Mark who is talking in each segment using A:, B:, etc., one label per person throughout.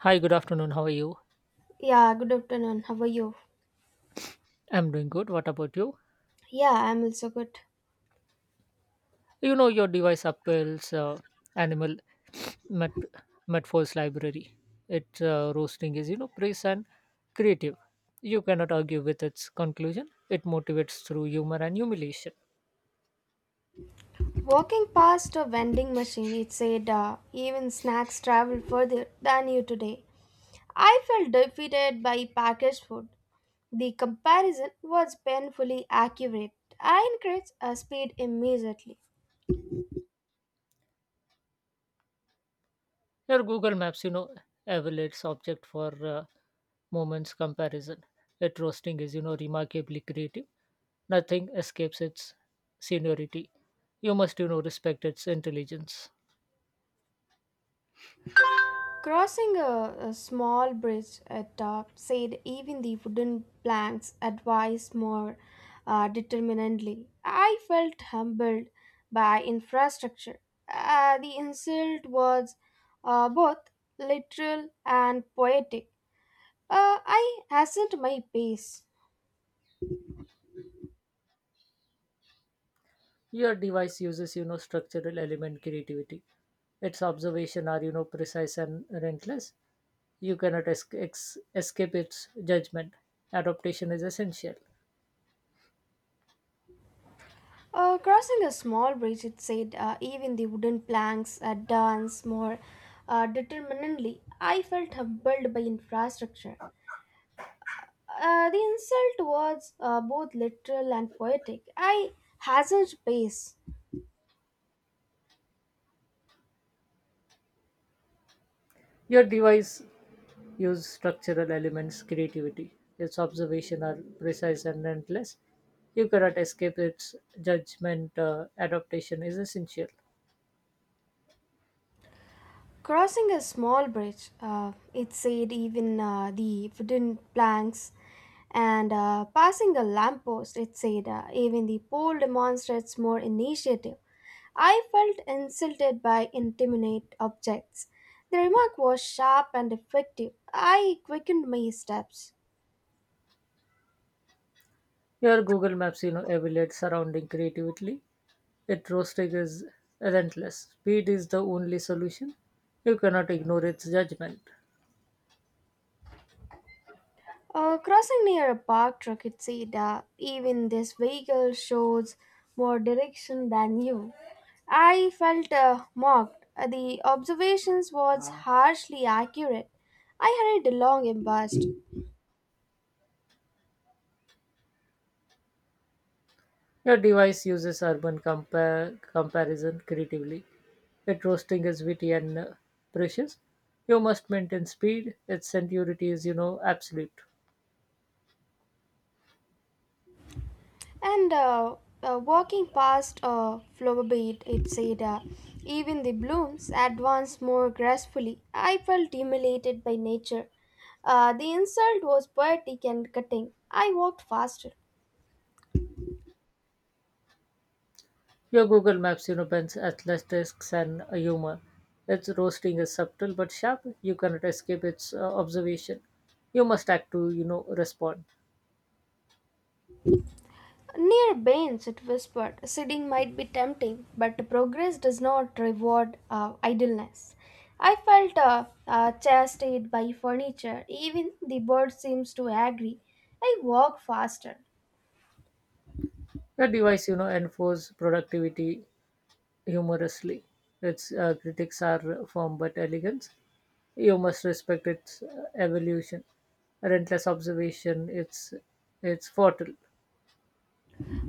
A: Hi, good afternoon. How are you?
B: Yeah, good afternoon. How are you?
A: I'm doing good. What about you?
B: Yeah, I'm also good.
A: You know your device Apple's animal met metaphors library. Its roasting is praise and creative. You cannot argue with its conclusion. It motivates through humor and humiliation.
B: Walking past a vending machine, it said, even snacks travel further than you today. I felt defeated by packaged food. The comparison was painfully accurate. I increased speed immediately.
A: Your Google Maps evaluates object for uh, moments comparison. Its roasting is remarkably creative. Nothing escapes its seniority. You must respect its intelligence.
B: Crossing a small bridge at top said even the wooden planks advised more determinedly. I felt humbled by infrastructure. The insult was both literal and poetic. I hastened my pace.
A: Your device uses structural element creativity. Its observation are precise and relentless. You cannot escape its judgment. Adaptation is essential.
B: Crossing a small bridge, it said, even the wooden planks dance more determinedly. I felt humbled by infrastructure. The insult was both literal and poetic. I hazard pace,
A: Your device use structural elements creativity. Its observation are precise and relentless. You cannot escape its judgment. Adaptation is essential.
B: crossing a small bridge. It said even the wooden planks, and passing a lamppost. It said even the pole demonstrates more initiative. I felt insulted by intimate objects. The remark was sharp and effective. I quickened my steps.
A: Your Google Maps evaluates surrounding creatively. It roasting is relentless. Speed is the only solution. You cannot ignore its judgment.
B: Crossing near a park. Parked Rakitseda, even this vehicle shows more direction than you. I felt mocked. The observations was harshly accurate. I hurried along embarrassed,
A: Your device uses urban comparison creatively. It roasting is witty and precious. You must maintain speed. Its sincerity is absolute.
B: and walking past a flower bed, it said, even the blooms advanced more gracefully. I felt humiliated by nature. The insult was poetic and cutting. I walked faster.
A: Your Google Maps blends athletics and humor. Its roasting is subtle but sharp. You cannot escape its observation. You must act to respond.
B: Near Baines, it whispered, sitting might be tempting, but progress does not reward idleness. I felt chastised by furniture. Even the bird seems to agree. I walk faster.
A: The device enforces productivity humorously. Its critics are firm but elegant. You must respect its evolution. Relentless observation, it's fertile.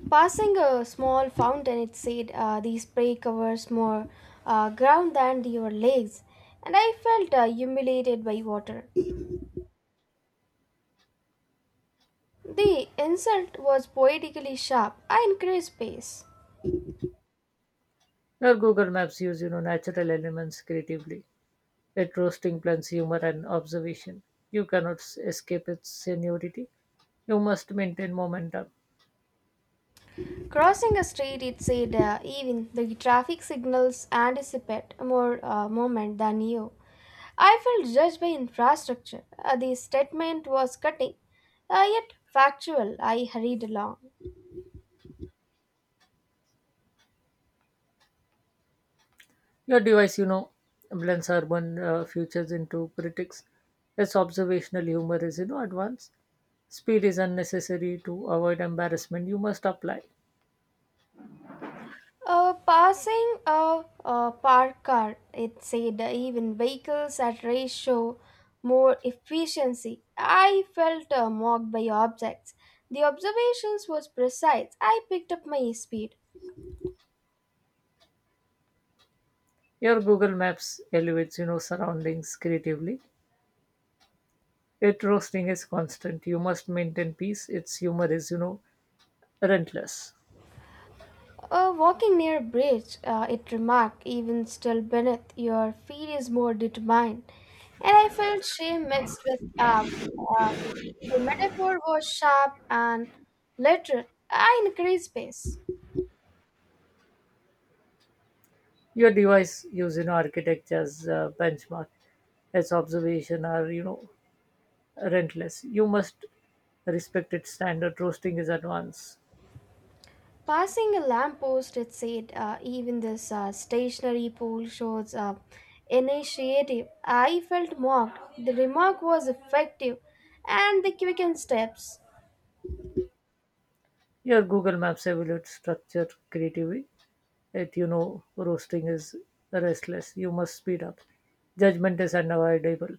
B: Passing a small fountain, it said, the spray covers more ground than your legs, and I felt humiliated by water. The insult was poetically sharp. I increased pace.
A: Your Google Maps use natural elements creatively. It roasting blends humor and observation. You cannot escape its seniority. You must maintain momentum.
B: Crossing a street, it said even the traffic signals anticipate more moment than you. I felt judged by infrastructure. The statement was cutting, yet factual. I hurried along.
A: Your device blends urban futures into critics. Its observational humor is advanced. Speed is unnecessary to avoid embarrassment. You must apply.
B: Passing a parked car, it said even vehicles at race show more efficiency. I felt mocked by objects. The observations was precise. I picked up my speed.
A: Your Google Maps elevates surroundings creatively. It roasting is constant. You must maintain peace. Its humor is relentless.
B: Walking near a bridge, it remarked, even still beneath, your feet is more determined. And I felt shame mixed with awe. Uh, the metaphor was sharp and literal. I increased pace.
A: Your device use architectures benchmark. Its observation are rentless. You must respect its standard. Roasting is advanced.
B: Passing a lamppost, it said, even this stationary pole shows initiative. I felt mocked. The remark was effective and the quickened steps.
A: Your google maps evaluates structure creatively. It roasting is restless. You must speed up. Judgment is unavoidable.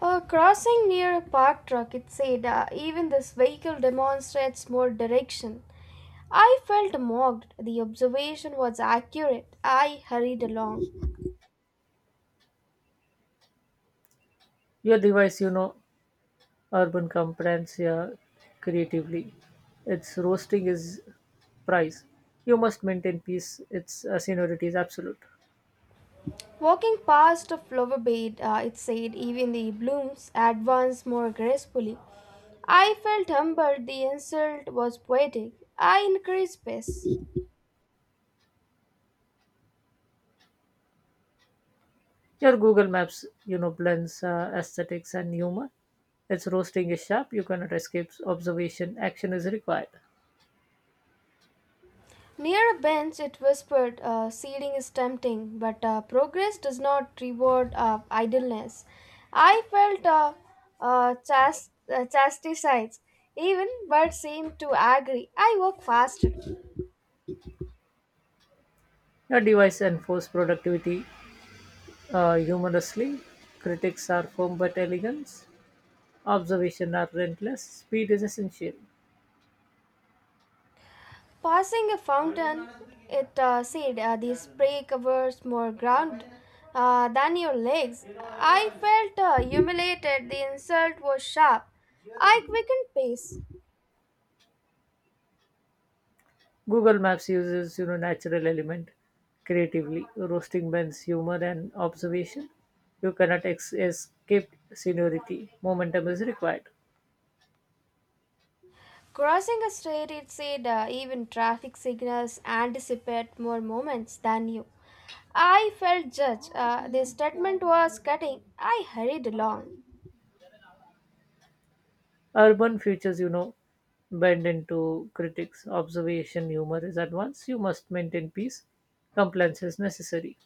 B: Crossing near a parked truck, it said, even this vehicle demonstrates more direction. I felt mocked. The observation was accurate. I hurried along.
A: Your device, urban comprehends, yeah, creatively. Its roasting is price. You must maintain peace. Its seniority is absolute.
B: Walking past a flower bed, it said, even the blooms advance more gracefully. I felt humbled. The insult was poetic. I increased pace.
A: Your Google Maps blends aesthetics and humor. Its roasting is sharp. You cannot escape observation. Action is required.
B: Near a bench, it whispered, seating is tempting, but progress does not reward idleness. I felt chastised. Even birds seemed to agree. I walked faster.
A: Your device enforces productivity humorously. Critics are firm but elegant. Observation are relentless. Speed is essential.
B: Passing a fountain, it said, the spray covers more ground than your legs. I felt humiliated. The insult was sharp. I quickened pace.
A: Google Maps uses natural element creatively. Roasting blends humor and observation. You cannot escape seniority. Momentum is required.
B: Crossing a street, it said even traffic signals anticipate more moments than you. I felt judged. The statement was cutting. I hurried along.
A: Urban futures bend into critics. Observation humor is advanced. You must maintain peace. Compliance is necessary.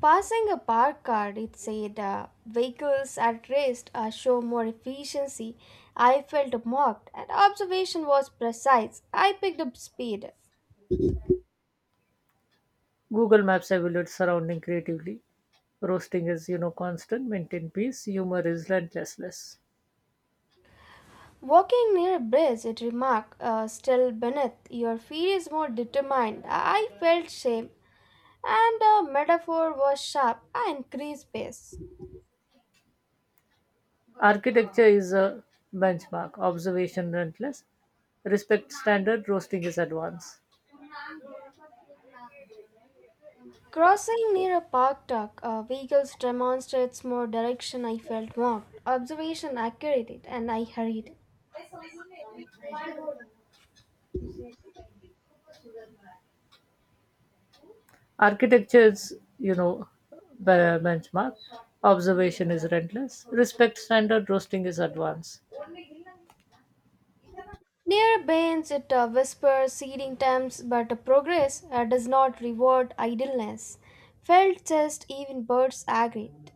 B: Passing a parked car, it said vehicles at rest show more efficiency. I felt mocked, and observation was precise. I picked up speed.
A: Google Maps evaluates surrounding creatively. Roasting is constant. Maintain peace. Humor is relentless.
B: Walking near a bridge, it remarked, still beneath, your feet is more determined. I felt shame, and the metaphor was sharp and increased pace.
A: Architecture is a benchmark. Observation relentless. Respect standard. Roasting is advanced.
B: Crossing near a park dock, vehicles demonstrates more direction. I felt marked, observation accurate, and I hurried.
A: Architecture is benchmark. Observation is relentless. Respect standard. Roasting is advanced.
B: Near bends, it whispers seeding times, but progress does not reward idleness. Felt just even birds agreed.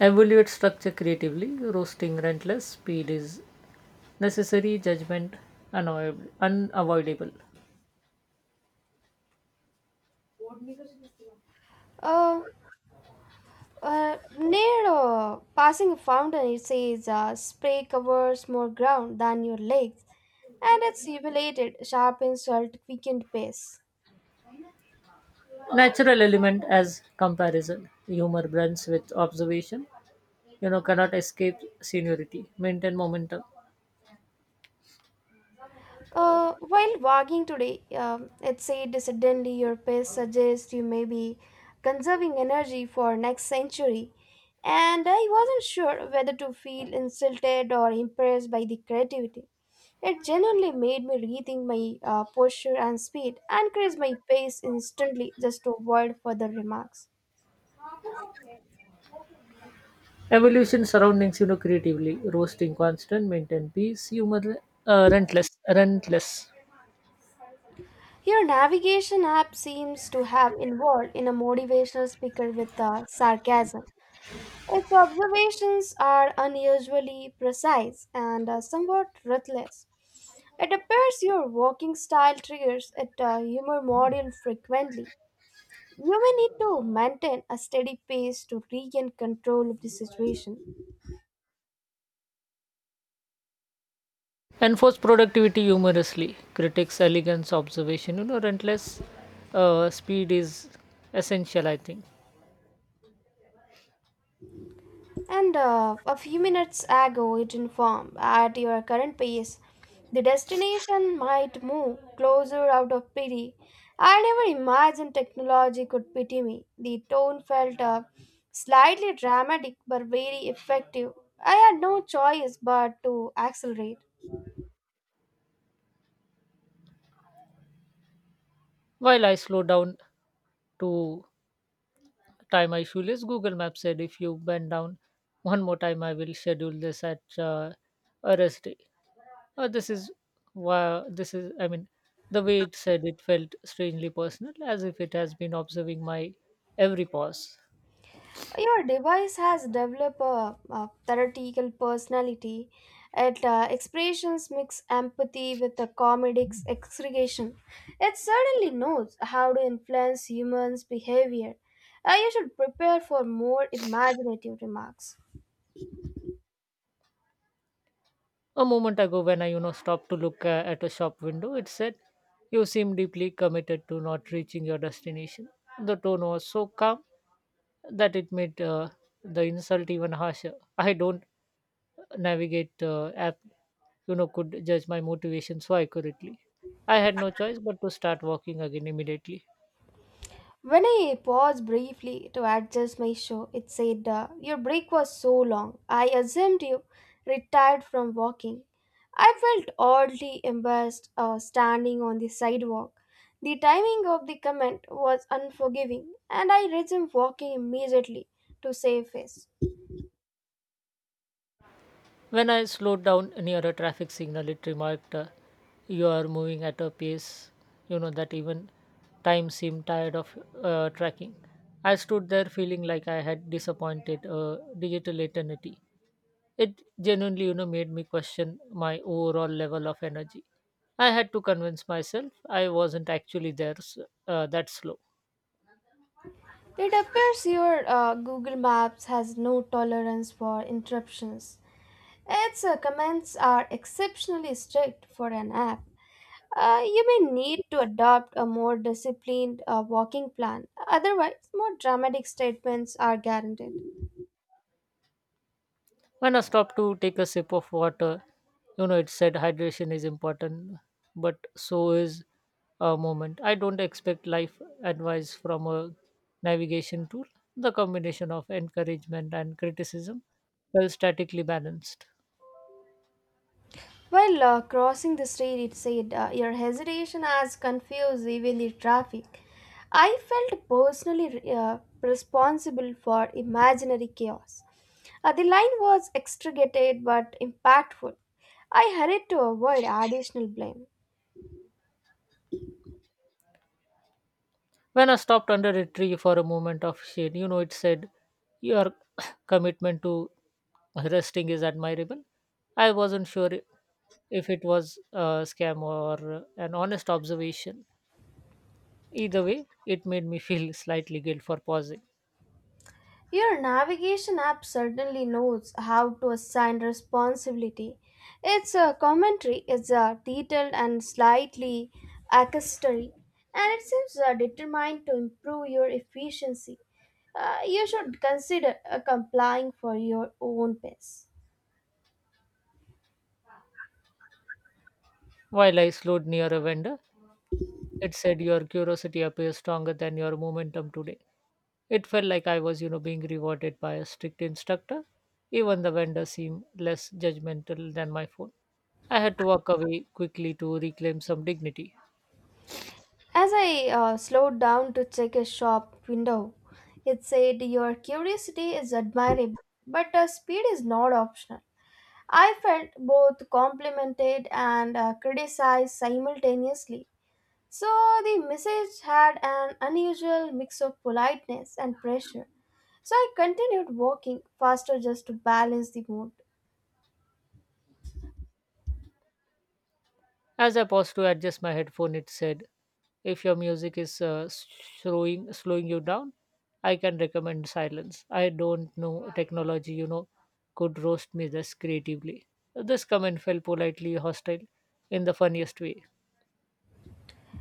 A: Evaluate structure creatively. Roasting relentless. Speed is necessary. Judgment unavoidable.
B: Uh, near passing a fountain, it says, spray covers more ground than your legs, and its evaluated sharp insult quickened pace.
A: Natural element as comparison. Humor blends with observation. Cannot escape seniority. Maintain momentum.
B: While walking today, it said suddenly your pace suggests you may be conserving energy for next century, and I wasn't sure whether to feel insulted or impressed by the creativity. It genuinely made me rethink my posture and speed and increase my pace instantly just to avoid further remarks.
A: Evolution surroundings creatively. Roasting constant. Maintain peace. Humor relentless. Relentless.
B: Your navigation app seems to have involved in a motivational speaker with sarcasm. Its observations are unusually precise and somewhat ruthless. It appears your walking style triggers a humor module frequently. You may need to maintain a steady pace to regain control of the situation.
A: Enforce productivity humorously. Critics elegance observation. Relentless speed is essential, I think.
B: And a few minutes ago, it informed at your current pace, the destination might move closer out of pity. I never imagined technology could pity me. The tone felt slightly dramatic but very effective. I had no choice but to accelerate.
A: While I slowed down to tie my shoelace, Google Maps said if you bend down one more time, I will schedule this at a rest day. This is I mean, the way it said it felt strangely personal, as if it has been observing my every pause.
B: Your device has developed a theoretical personality. It expressions mix empathy with a comedic exaggeration. It certainly knows how to influence humans' behavior. You should prepare for more imaginative remarks.
A: A moment ago, when I stopped to look at a shop window, it said, "You seem deeply committed to not reaching your destination." The tone was so calm that it made the insult even harsher. I don't navigate the app could judge my motivation so accurately. I had no choice but to start walking again immediately.
B: When I paused briefly to adjust my shoe, it said, your break was so long. I assumed you retired from walking. I felt oddly embarrassed standing on the sidewalk. The timing of the comment was unforgiving, and I resumed walking immediately to save face.
A: When I slowed down near a traffic signal, it remarked, "You are moving at a pace that even time seemed tired of tracking." I stood there feeling like I had disappointed a digital eternity. It genuinely made me question my overall level of energy. I had to convince myself I wasn't actually that slow.
B: It appears your Google Maps has no tolerance for interruptions. Its comments are exceptionally strict for an app. You may need to adopt a more disciplined walking plan. Otherwise, more dramatic statements are guaranteed.
A: When I stopped to take a sip of water it said hydration is important, but so is a moment. I don't expect life advice from a navigation tool. The combination of encouragement and criticism felt statically balanced.
B: While crossing the street, it said, your hesitation has confused evenly traffic. I felt personally responsible for imaginary chaos. The line was extricated but impactful. I hurried to avoid additional blame.
A: When I stopped under a tree for a moment of shade it said, "Your commitment to resting is admirable." I wasn't sure if it was a scam or an honest observation. Either way, it made me feel slightly guilt for pausing.
B: Your navigation app certainly knows how to assign responsibility. Its commentary is detailed and slightly accusatory, and it seems determined to improve your efficiency. You should consider complying for your own pace.
A: While I slowed near a vendor, it said, "Your curiosity appears stronger than your momentum today." It felt like I was being rewarded by a strict instructor. Even the vendor seemed less judgmental than my phone. I had to walk away quickly to reclaim some dignity.
B: As I slowed down to check a shop window, it said, your curiosity is admirable, but speed is not optional. I felt both complimented and criticized simultaneously. So the message had an unusual mix of politeness and pressure. So I continued walking faster just to balance the mood.
A: As I paused to adjust my headphone, it said, "If your music is slowing you down, I can recommend silence." I don't know technology could roast me this creatively. This comment felt politely hostile in the funniest way.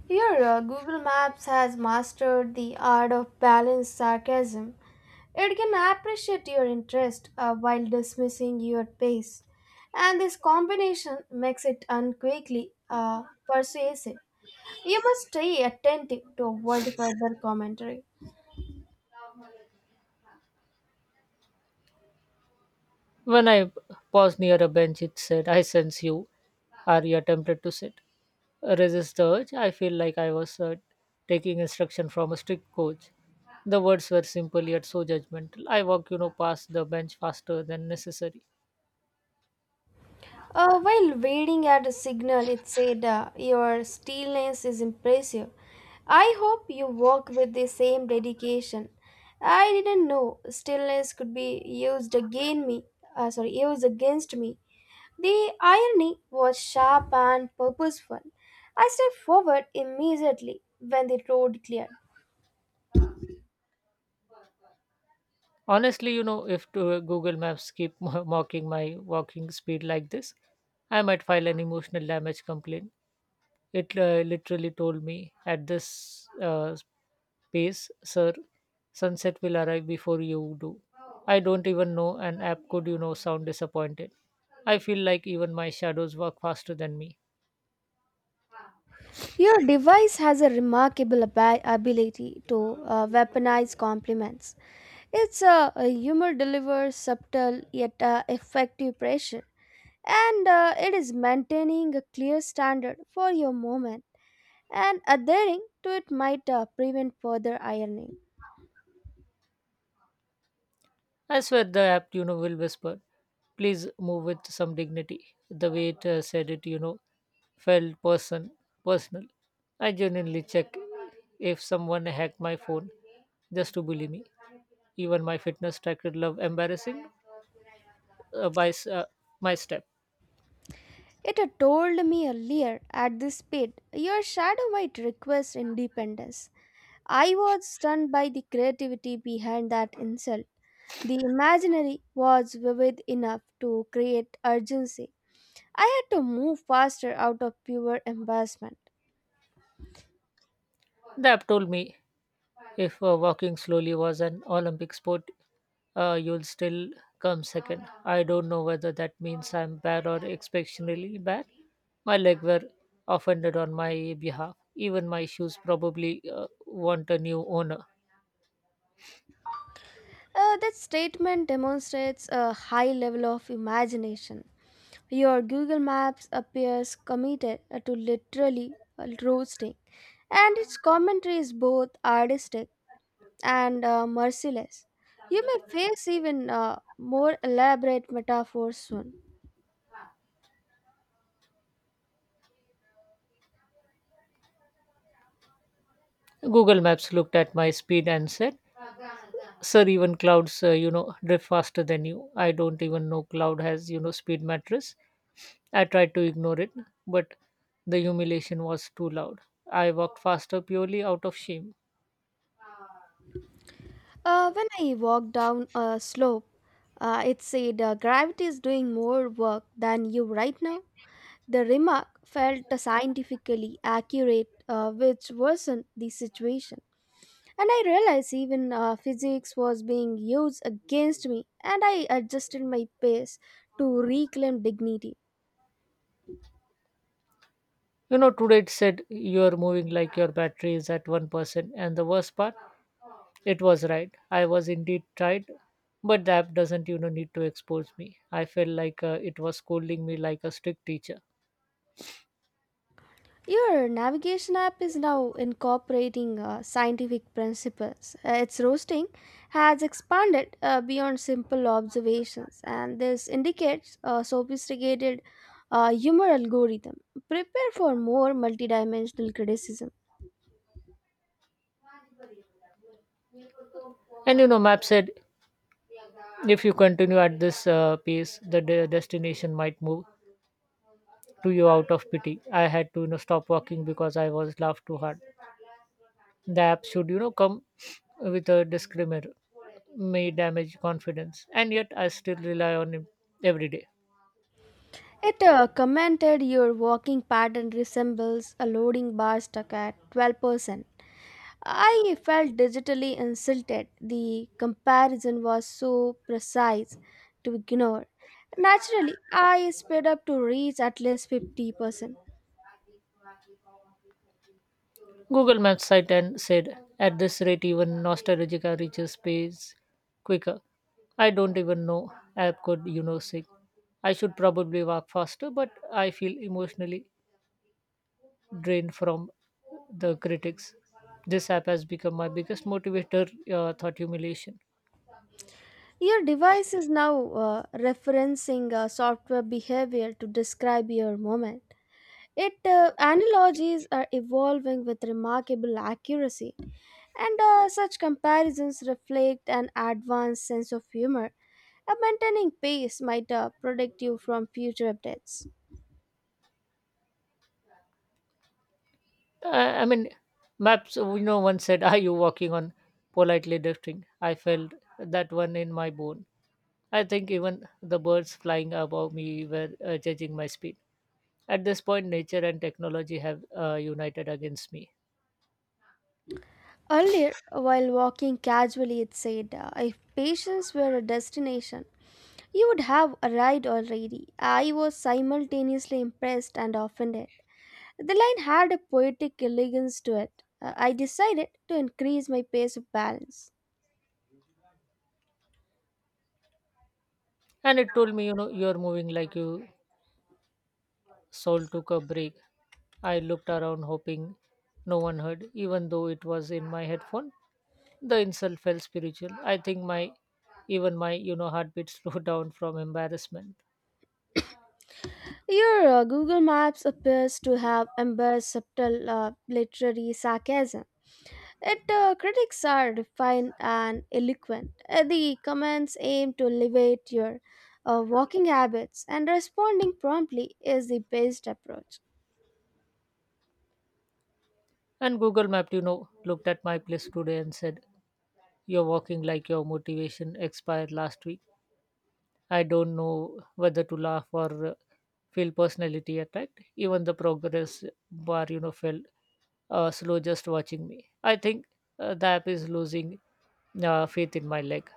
B: Here, Google Maps has mastered the art of balanced sarcasm. It can appreciate your interest while dismissing your pace. And this combination makes it unquickly persuasive. You must stay attentive to avoid further commentary.
A: When I paused near a bench, it said, "I sense you. Are you tempted to sit? Resist the urge." I feel like I was taking instruction from a strict coach. The words were simple yet so judgmental. I walk past the bench faster than necessary.
B: While waiting at a signal, it said, your stillness is impressive. I hope you work with the same dedication. I didn't know stillness could be used against me. Used against me. The irony was sharp and purposeful. I stepped forward immediately when the road cleared.
A: Honestly if Google Maps keep mocking my walking speed like this, I might file an emotional damage complaint. It literally told me at this pace, "Sir, sunset will arrive before you do." I don't even know an app could sound disappointed. I feel like even my shadows walk faster than me.
B: Your device has a remarkable ability to weaponize compliments. Its a humor delivers subtle yet effective pressure, and it is maintaining a clear standard for your moment, and adhering to it might prevent further ironing.
A: I swear the app will whisper, "Please move with some dignity." The way it said it felt personal. I genuinely check if someone hacked my phone just to bully me. Even my fitness tracker love embarrassing uh, by s- uh, my step.
B: It had told me earlier at this speed, your shadow might request independence. I was stunned by the creativity behind that insult. The imaginary was vivid enough to create urgency. I had to move faster out of pure embarrassment.
A: The app told me, "If walking slowly was an Olympic sport, you'll still come second." I don't know whether that means I'm bad or exceptionally bad. My leg were offended on my behalf. Even my shoes probably want a new owner.
B: That statement demonstrates a high level of imagination. Your Google Maps appears committed to literally roasting, and its commentary is both artistic and merciless. You may face even more elaborate metaphors soon.
A: Google Maps looked at my speed and said, "Sir, even clouds drift faster than you. I don't even know cloud has speed mattress." I tried to ignore it, but the humiliation was too loud. I walked faster purely out of shame.
B: When I walk down a slope, it said gravity is doing more work than you right now. The remark felt scientifically accurate, which worsened the situation. And I realized even physics was being used against me, and I adjusted my pace to reclaim dignity.
A: Today it said, "You're moving like your battery is at 1%." And the worst part, it was right. I was indeed tired, but the app doesn't need to expose me. I felt like it was scolding me like a strict teacher.
B: Your navigation app is now incorporating scientific principles. Its roasting has expanded beyond simple observations, and this indicates a sophisticated humor algorithm. Prepare for more multidimensional criticism.
A: Map said if you continue at this pace, the destination might move to you out of pity. I had to stop walking because I was laughed too hard. The app should come with a disclaimer: may damage confidence. And yet I still rely on him every day.
B: It commented your walking pattern resembles a loading bar stuck at 12%. I felt digitally insulted. The comparison was so precise to ignore. Naturally, I sped up to reach at least 50%.
A: Google Maps site and said, "At this rate, even nostalgia reaches space quicker." I don't even know app could say I should probably walk faster, but I feel emotionally drained from the critics. This app has become my biggest motivator, thought humiliation.
B: Your device is now referencing software behavior to describe your moment. It analogies are evolving with remarkable accuracy, and such comparisons reflect an advanced sense of humor. A maintaining pace might protect you from future updates.
A: I mean, maps one said, "Are you walking on politely drifting?" I felt that one in my bone. I think even the birds flying above me were judging my speed. At this point, nature and technology have united against me.
B: Earlier, while walking casually, it said, if patience were a destination, you would have arrived already. I was simultaneously impressed and offended. The line had a poetic elegance to it. I decided to increase my pace of balance.
A: And it told me "You're moving like you soul took a break." I looked around hoping no one heard, even though it was in my headphone. The insult felt spiritual. I think my even my heartbeat slowed down from embarrassment.
B: Your Google Maps appears to have embraced subtle literary sarcasm. Yet critics are refined and eloquent. The comments aim to elevate your walking habits, and responding promptly is the best approach.
A: And Google Mapped looked at my place today and said, "You're walking like your motivation expired last week." I don't know whether to laugh or feel personality attacked. Even the progress bar felt slow just watching me. I think the app is losing faith in my leg.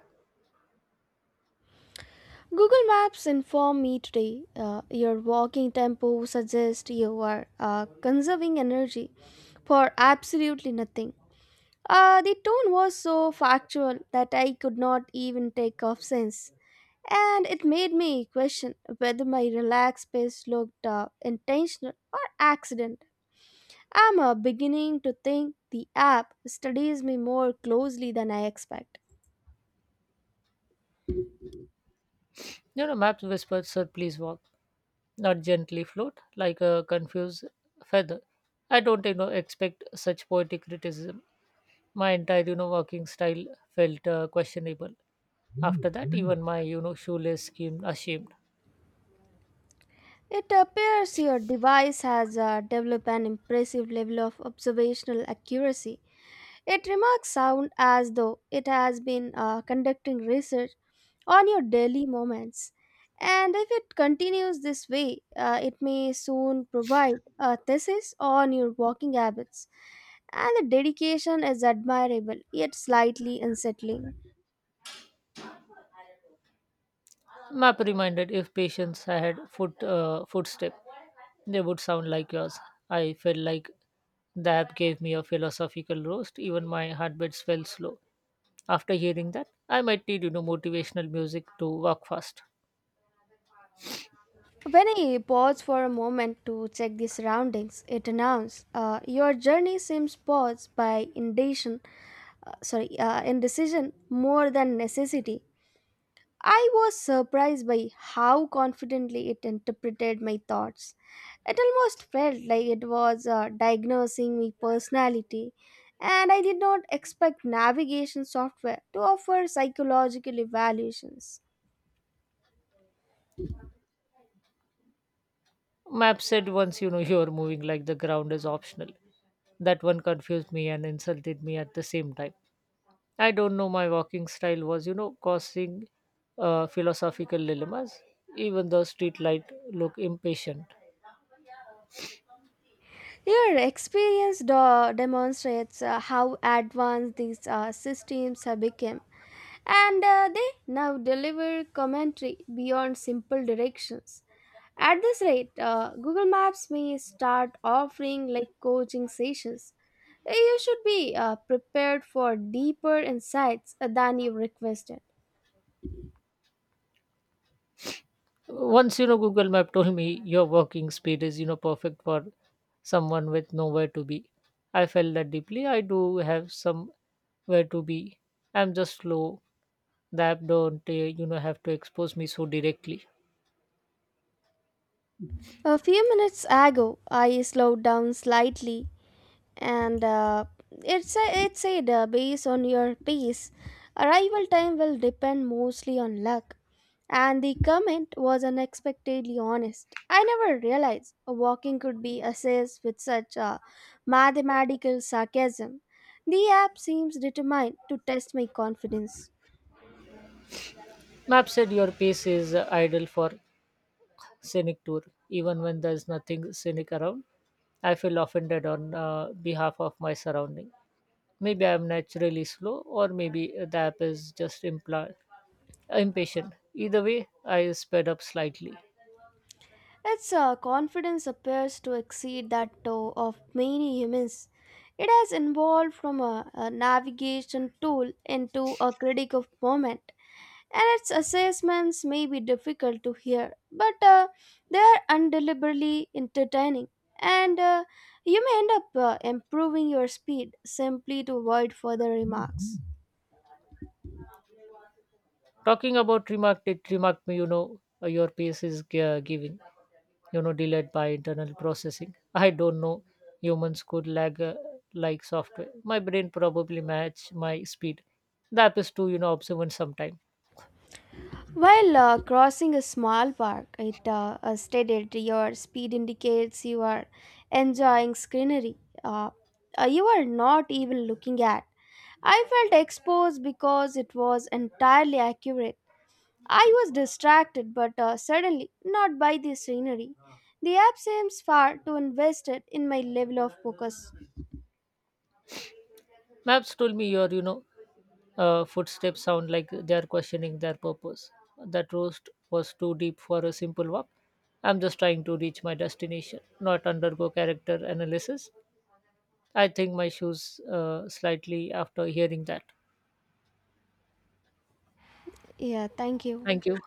B: Google Maps informed me today your walking tempo suggests you are conserving energy for absolutely nothing. The tone was so factual that I could not even take offense, and it made me question whether my relaxed pace looked intentional or accident. I'm beginning to think the app studies me more closely than I expect.
A: Maps whispered, "Sir, please walk, not gently float like a confused feather." I don't expect such poetic criticism. My entire walking style felt questionable. After that, even my shoelace seemed ashamed.
B: It appears your device has developed an impressive level of observational accuracy. It remarks sound as though it has been conducting research on your daily moments. And if it continues this way, it may soon provide a thesis on your walking habits. And the dedication is admirable yet slightly unsettling.
A: Map reminded, "If patients had footstep, they would sound like yours." I felt like the app gave me a philosophical roast. Even my heartbeats fell slow. After hearing that, I might need motivational music to walk fast.
B: When I pause for a moment to check the surroundings, it announced, "Your journey seems paused by indecision, indecision more than necessity." I was surprised by how confidently it interpreted my thoughts. It almost felt like it was diagnosing my personality, and I did not expect navigation software to offer psychological evaluations.
A: Map said once, "You're moving like the ground is optional." That one confused me and insulted me at the same time. I don't know my walking style was causing philosophical dilemmas. Even the street light looked impatient.
B: Your experience demonstrates how advanced these systems have become, and they now deliver commentary beyond simple directions. At this rate, Google Maps may start offering like coaching sessions. You should be prepared for deeper insights than you requested.
A: Once, Google map told me your walking speed is perfect for someone with nowhere to be. I felt that deeply. I do have somewhere to be. I'm just slow. The app don't have to expose me so directly.
B: A few minutes ago, I slowed down slightly, and it said based on your pace, arrival time will depend mostly on luck, and the comment was unexpectedly honest. I never realized a walking could be assessed with such a mathematical sarcasm. The app seems determined to test my confidence.
A: Map said your pace is ideal for scenic tour, even when there's nothing scenic around. I feel offended on behalf of my surrounding. Maybe I'm naturally slow, or maybe the app is just imply impatient. Either way, I sped up slightly.
B: Its confidence appears to exceed that of many humans. It has evolved from a navigation tool into a critic of movement, and its assessments may be difficult to hear, but they are undeliberately entertaining, and you may end up improving your speed simply to avoid further remarks.
A: Talking about remarked, it remarked me, "Your pace is giving delayed by internal processing." I don't know, humans could lag like software. My brain probably match my speed. That is too observant sometime.
B: While crossing a small park at a stated your speed indicates you are enjoying scenery uh, you are not even looking at. I felt exposed because it was entirely accurate. I was distracted, but certainly not by the scenery. The app seems far too invested in my level of focus.
A: Maps told me your footsteps sound like they are questioning their purpose. That roast was too deep for a simple walk. I'm just trying to reach my destination, not undergo character analysis. I think my shoes slightly after hearing that.
B: Yeah, thank you.
A: Thank you.